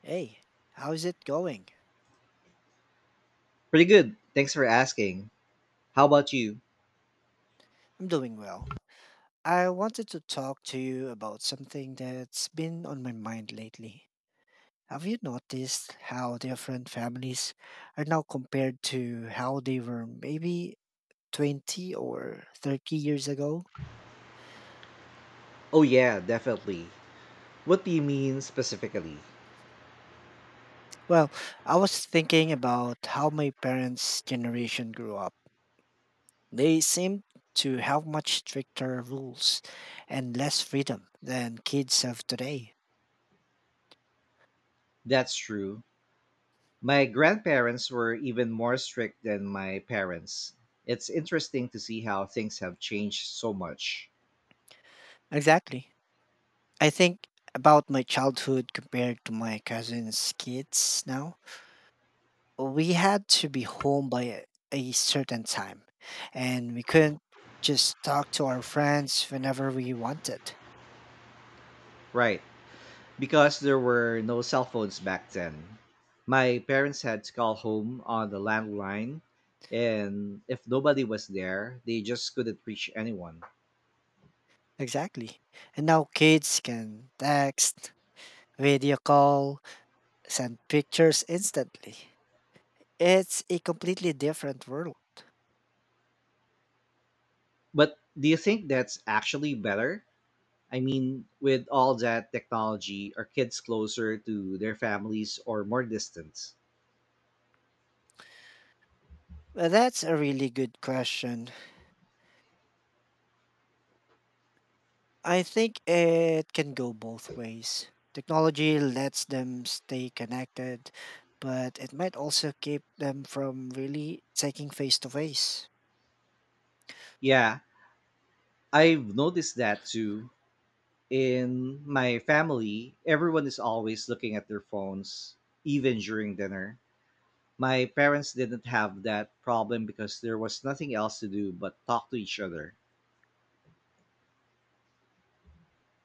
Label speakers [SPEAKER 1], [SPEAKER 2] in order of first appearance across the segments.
[SPEAKER 1] Hey, how's it going?
[SPEAKER 2] Pretty good. Thanks for asking. How about you?
[SPEAKER 1] I'm doing well. I wanted to talk to you about something that's been on my mind lately. Have you noticed how different families are now compared to how they were maybe 20 or 30 years ago?
[SPEAKER 2] Oh, yeah, definitely. What do you mean specifically?
[SPEAKER 1] Well, I was thinking about how my parents' generation grew up. They seemed to have much stricter rules and less freedom than kids have today.
[SPEAKER 2] That's true. My grandparents were even more strict than my parents. It's interesting to see how things have changed so much.
[SPEAKER 1] Exactly. I think about my childhood compared to my cousin's kids now. We had to be home by a certain time, and we couldn't just talk to our friends whenever we wanted.
[SPEAKER 2] Right, because there were no cell phones back then. My parents had to call home on the landline, and if nobody was there, they just couldn't reach anyone.
[SPEAKER 1] Exactly. And now kids can text, video call, send pictures instantly. It's a completely different world.
[SPEAKER 2] But do you think that's actually better? I mean, with all that technology, are kids closer to their families or more distant?
[SPEAKER 1] That's a really good question. I think it can go both ways. Technology lets them stay connected, but it might also keep them from really taking face to face.
[SPEAKER 2] Yeah, I've noticed that too. In my family, everyone is always looking at their phones, even during dinner. My parents didn't have that problem because there was nothing else to do but talk to each other.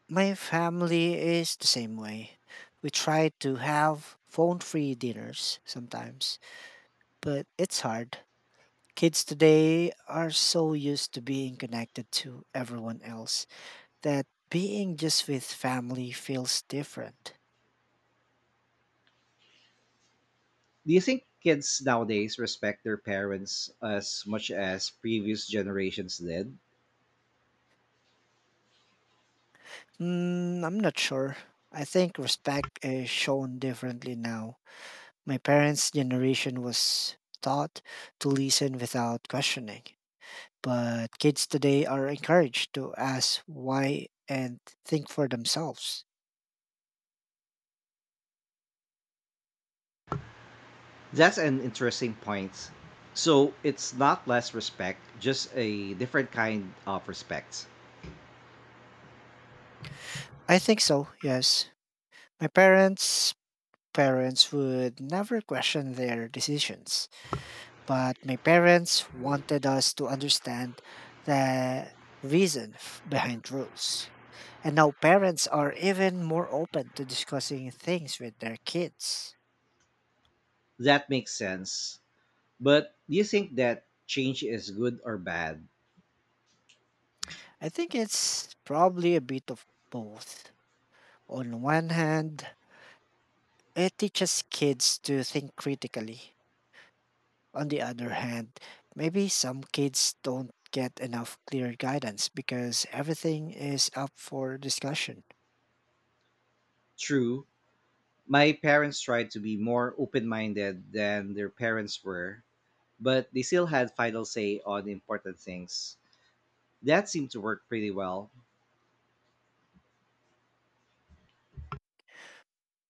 [SPEAKER 1] My family is the same way. We try to have phone free dinners sometimes, but it's hard. Kids today are so used to being connected to everyone else that being just with family feels different.
[SPEAKER 2] Do you think kids nowadays respect their parents as much as previous generations did?
[SPEAKER 1] I'm not sure. I think respect is shown differently now. My parents' generation was taught to listen without questioning, but kids today are encouraged to ask why and think for themselves.
[SPEAKER 2] That's an interesting point. So it's not less respect, just a different kind of respect.
[SPEAKER 1] I think so, yes. My parents parents would never question their decisions. But my parents wanted us to understand the behind rules. And now parents are even more open to discussing things with their kids.
[SPEAKER 2] That makes sense. But do you think that change is good or bad?
[SPEAKER 1] I think it's probably a bit of both. On one hand, it teaches kids to think critically. On the other hand, maybe some kids don't get enough clear guidance because everything is up for discussion.
[SPEAKER 2] True, my parents tried to be more open minded than their parents were, but they still had final say on important things. That seemed to work pretty well.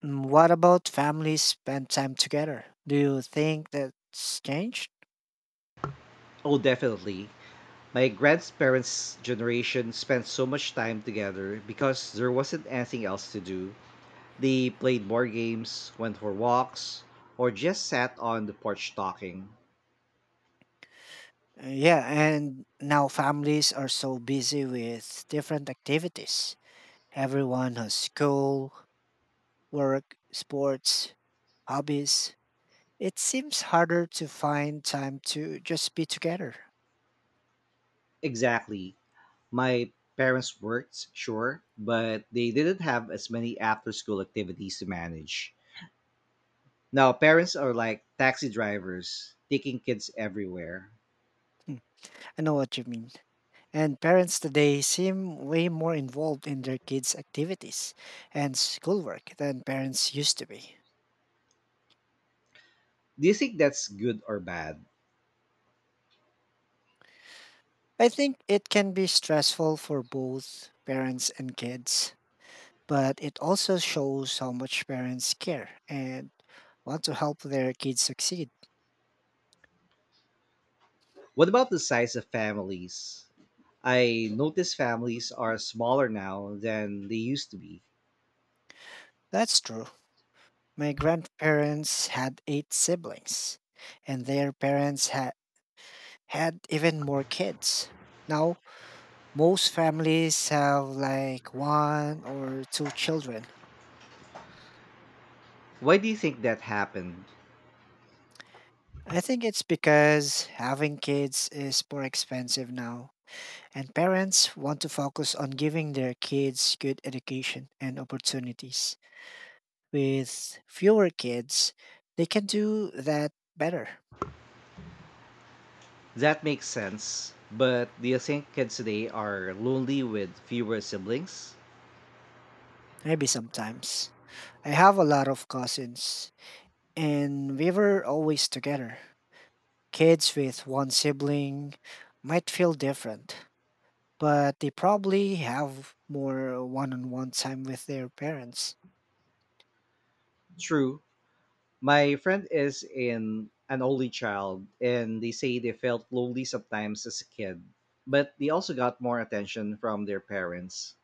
[SPEAKER 1] What about families spend time together? Do you think that's changed?
[SPEAKER 2] Oh, definitely. My grandparents' generation spent so much time together because there wasn't anything else to do. They played board games, went for walks, or just sat on the porch talking.
[SPEAKER 1] Yeah, and now families are so busy with different activities. Everyone has school, work, sports, hobbies. It seems harder to find time to just be together.
[SPEAKER 2] Exactly. My parents worked, sure, but they didn't have as many after school activities to manage. Now, parents are like taxi drivers, taking kids everywhere.
[SPEAKER 1] Hmm, I know what you mean. And parents today seem way more involved in their kids' activities and schoolwork than parents used to be.
[SPEAKER 2] Do you think that's good or bad?
[SPEAKER 1] I think it can be stressful for both parents and kids, but it also shows how much parents care and want to help their kids succeed.
[SPEAKER 2] What about the size of families? I notice families are smaller now than they used to be.
[SPEAKER 1] That's true. My grandparents had eight siblings, and their parents had even more kids. Now, most families have like one or two children.
[SPEAKER 2] Why do you think that happened?
[SPEAKER 1] I think it's because having kids is more expensive now, and parents want to focus on giving their kids good education and opportunities. With fewer kids, they can do that better,
[SPEAKER 2] That makes sense, but do you think kids today are lonely with fewer siblings?
[SPEAKER 1] maybe sometimes. I have a lot of cousins, and we were always together. Kids with one sibling might feel different, but they probably have more one on one time with their parents.
[SPEAKER 2] True. My friend is in an only child and they say they felt lonely sometimes as a kid, but they also got more attention from their parents.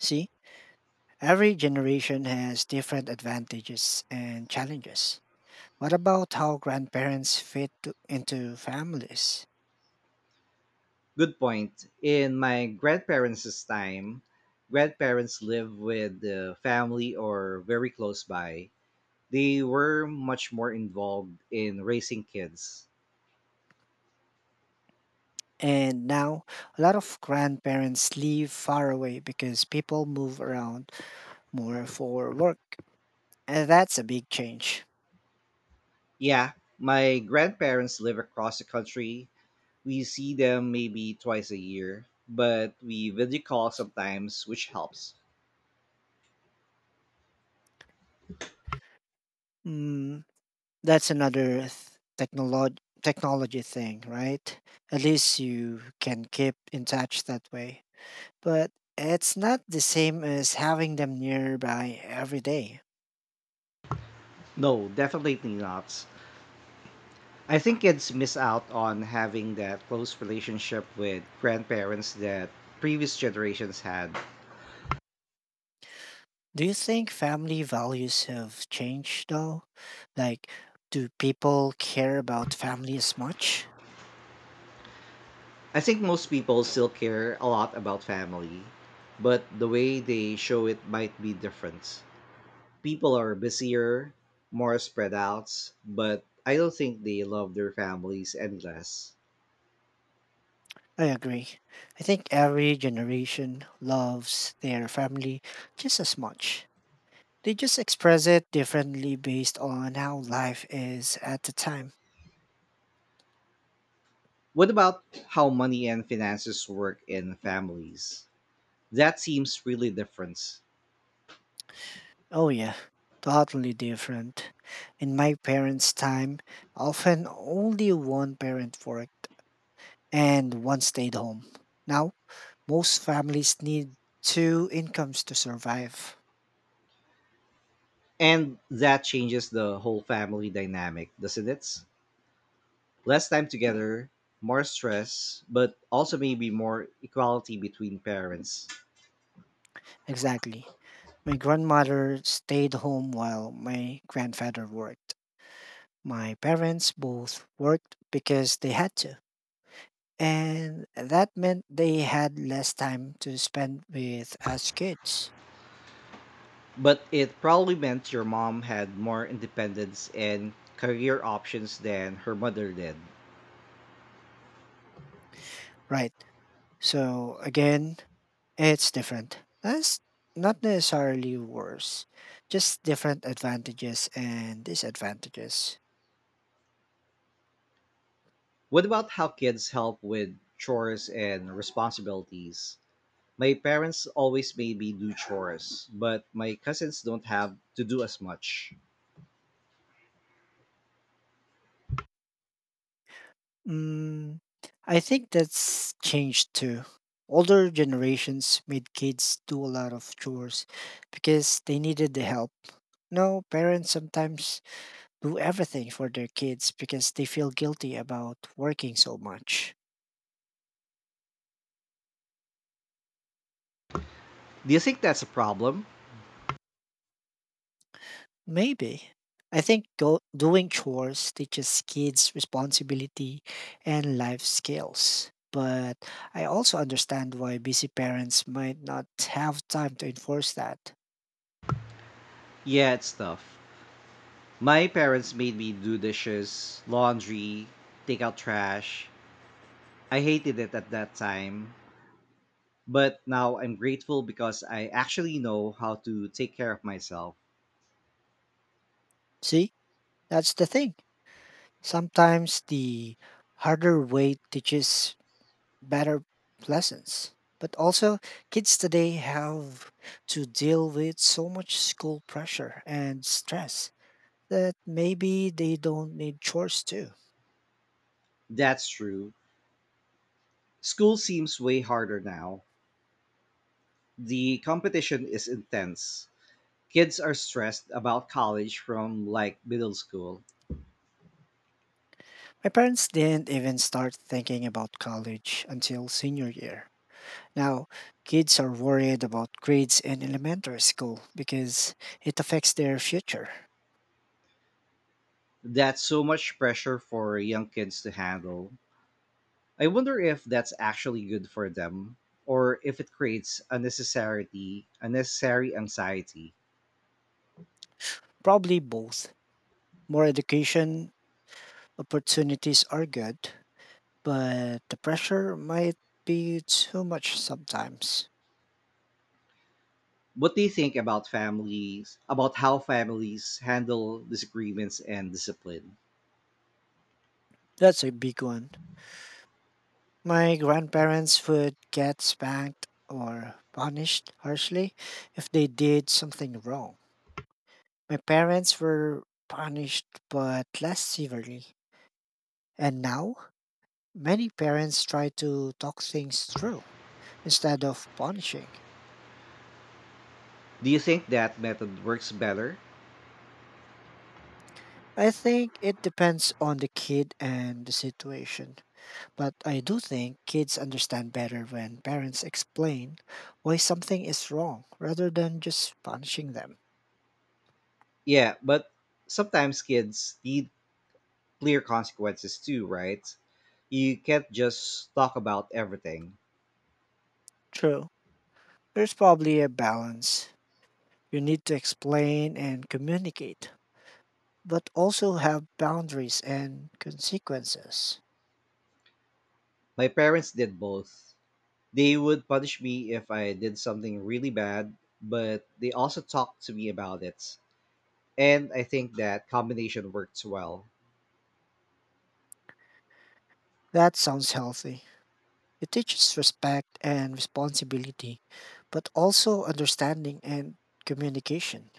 [SPEAKER 1] See, every generation has different advantages and challenges. What about how grandparents into families?
[SPEAKER 2] Good point. In my grandparents' time, grandparents lived with the family or very close by. They were much more involved in raising kids.
[SPEAKER 1] And now, a lot of grandparents live far away because people move around more for work. And that's a big change.
[SPEAKER 2] Yeah, my grandparents live across the country. We see them maybe twice a year, but we video call sometimes, which helps.
[SPEAKER 1] Mm, That's another technology thing, right? At least you can keep in touch that way. But it's not the same as having them nearby every day.
[SPEAKER 2] No, definitely not. I think kids miss out on having that close relationship with grandparents that previous generations had.
[SPEAKER 1] Do you think family values have changed though? Like, do people care about family as much?
[SPEAKER 2] I think most people still care a lot about family, but the way they show it might be different. People are busier, more spread out, but I don't think they love their families any less.
[SPEAKER 1] I agree. I think every generation loves their family just as much. They just express it differently based on how life is at the time.
[SPEAKER 2] What about how money and finances work in families? That seems really different.
[SPEAKER 1] Oh, yeah, totally different. In my parents' time, often only one parent worked and one stayed home. Now, most families need two incomes to survive.
[SPEAKER 2] And that changes the whole family dynamic, doesn't it? Less time together, more stress, but also maybe more equality between parents.
[SPEAKER 1] Exactly. My grandmother stayed home while my grandfather worked. My parents both worked because they had to. And that meant they had less time to spend with us kids.
[SPEAKER 2] But it probably meant your mom had more independence and career options than her mother did.
[SPEAKER 1] Right. So again, it's different. That's not necessarily worse, just different advantages and disadvantages.
[SPEAKER 2] What about how kids help with chores and responsibilities? My parents always made me do chores, but my cousins don't have to do as much.
[SPEAKER 1] Mm, I think that's changed too. Older generations made kids do a lot of chores because they needed the help. No, parents sometimes do everything for their kids because they feel guilty about working so much.
[SPEAKER 2] Do you think that's a problem?
[SPEAKER 1] Maybe. I think doing chores teaches kids responsibility and life skills. But I also understand why busy parents might not have time to enforce that.
[SPEAKER 2] Yeah, it's tough. My parents made me do dishes, laundry, take out trash. I hated it at that time, but now I'm grateful because I actually know how to take care of myself.
[SPEAKER 1] See, that's the thing. Sometimes the harder way teaches better lessons. But also, kids today have to deal with so much school pressure and stress that maybe they don't need chores too.
[SPEAKER 2] That's true. School seems way harder now. The competition is intense. Kids are stressed about college from like middle school.
[SPEAKER 1] My parents didn't even start thinking about college until senior year. Now, kids are worried about grades in elementary school because it affects their future.
[SPEAKER 2] That's so much pressure for young kids to handle. I wonder if that's actually good for them or if it creates unnecessary anxiety.
[SPEAKER 1] Probably both. More education opportunities are good, but the pressure might be too much sometimes.
[SPEAKER 2] What do you think about families, about how families handle disagreements and discipline?
[SPEAKER 1] That's a big one. My grandparents would get spanked or punished harshly if they did something wrong. My parents were punished but less severely. And now, many parents try to talk things through instead of punishing.
[SPEAKER 2] Do you think that method works better?
[SPEAKER 1] I think it depends on the kid and the situation. But I do think kids understand better when parents explain why something is wrong rather than just punishing them.
[SPEAKER 2] Yeah, but sometimes kids need clear consequences too, right? You can't just talk about everything.
[SPEAKER 1] True. There's probably a balance. You need to explain and communicate, but also have boundaries and consequences.
[SPEAKER 2] My parents did both. They would punish me if I did something really bad, but they also talked to me about it. And I think that combination works well.
[SPEAKER 1] That sounds healthy. It teaches respect and responsibility, but also understanding and communication.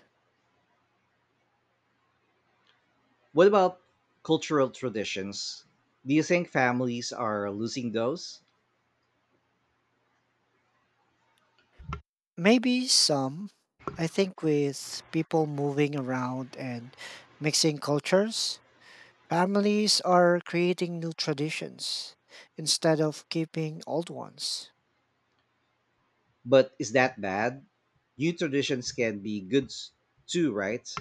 [SPEAKER 2] What about cultural traditions? Do you think families are losing those?
[SPEAKER 1] Maybe some, I think, with people moving around and mixing cultures, families are creating new traditions instead of keeping old ones.
[SPEAKER 2] But is that bad? New traditions can be good too, right?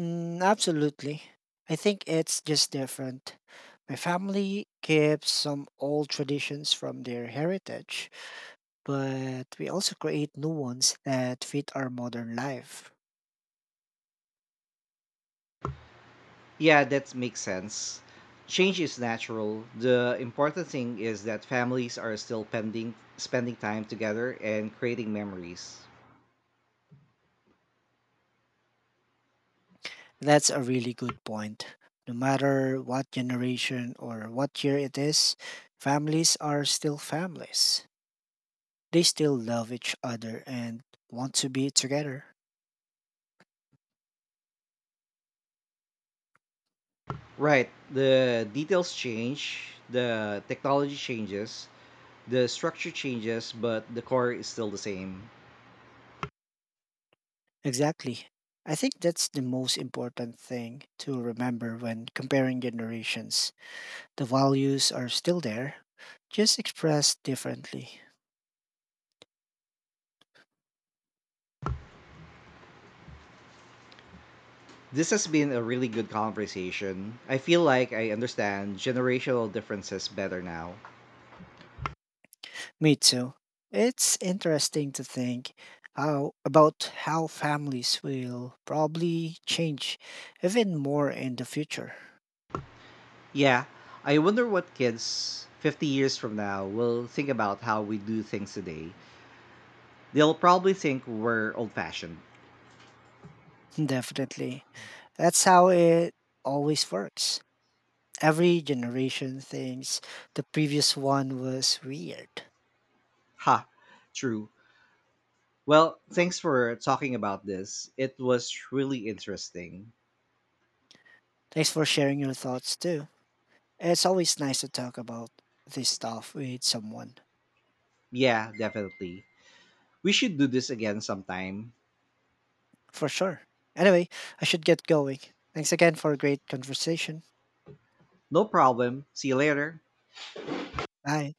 [SPEAKER 1] Absolutely. I think it's just different. My family keeps some old traditions from their heritage, but we also create new ones that fit our modern life.
[SPEAKER 2] Yeah, that makes sense. Change is natural. The important thing is that families are still spending time together and creating memories.
[SPEAKER 1] That's a really good point. No matter what generation or what year it is, families are still families. They still love each other and want to be together.
[SPEAKER 2] Right. The details change, the technology changes, the structure changes, but the core is still the same.
[SPEAKER 1] Exactly. I think that's the most important thing to remember when comparing generations. The values are still there, just expressed differently.
[SPEAKER 2] This has been a really good conversation. I feel like I understand generational differences better now.
[SPEAKER 1] Me too. It's interesting to think about how families will probably change even more in the future.
[SPEAKER 2] Yeah, I wonder what kids 50 years from now will think about how we do things today. They'll probably think we're old fashioned.
[SPEAKER 1] Definitely. That's how it always works. Every generation thinks the previous one was weird.
[SPEAKER 2] Ha, true. Well, thanks for talking about this. It was really interesting.
[SPEAKER 1] Thanks for sharing your thoughts too. It's always nice to talk about this stuff with someone,
[SPEAKER 2] Yeah, definitely. We should do this again sometime.
[SPEAKER 1] for sure. Anyway, I should get going. Thanks again for a great conversation.
[SPEAKER 2] No problem. See you later.
[SPEAKER 1] Bye.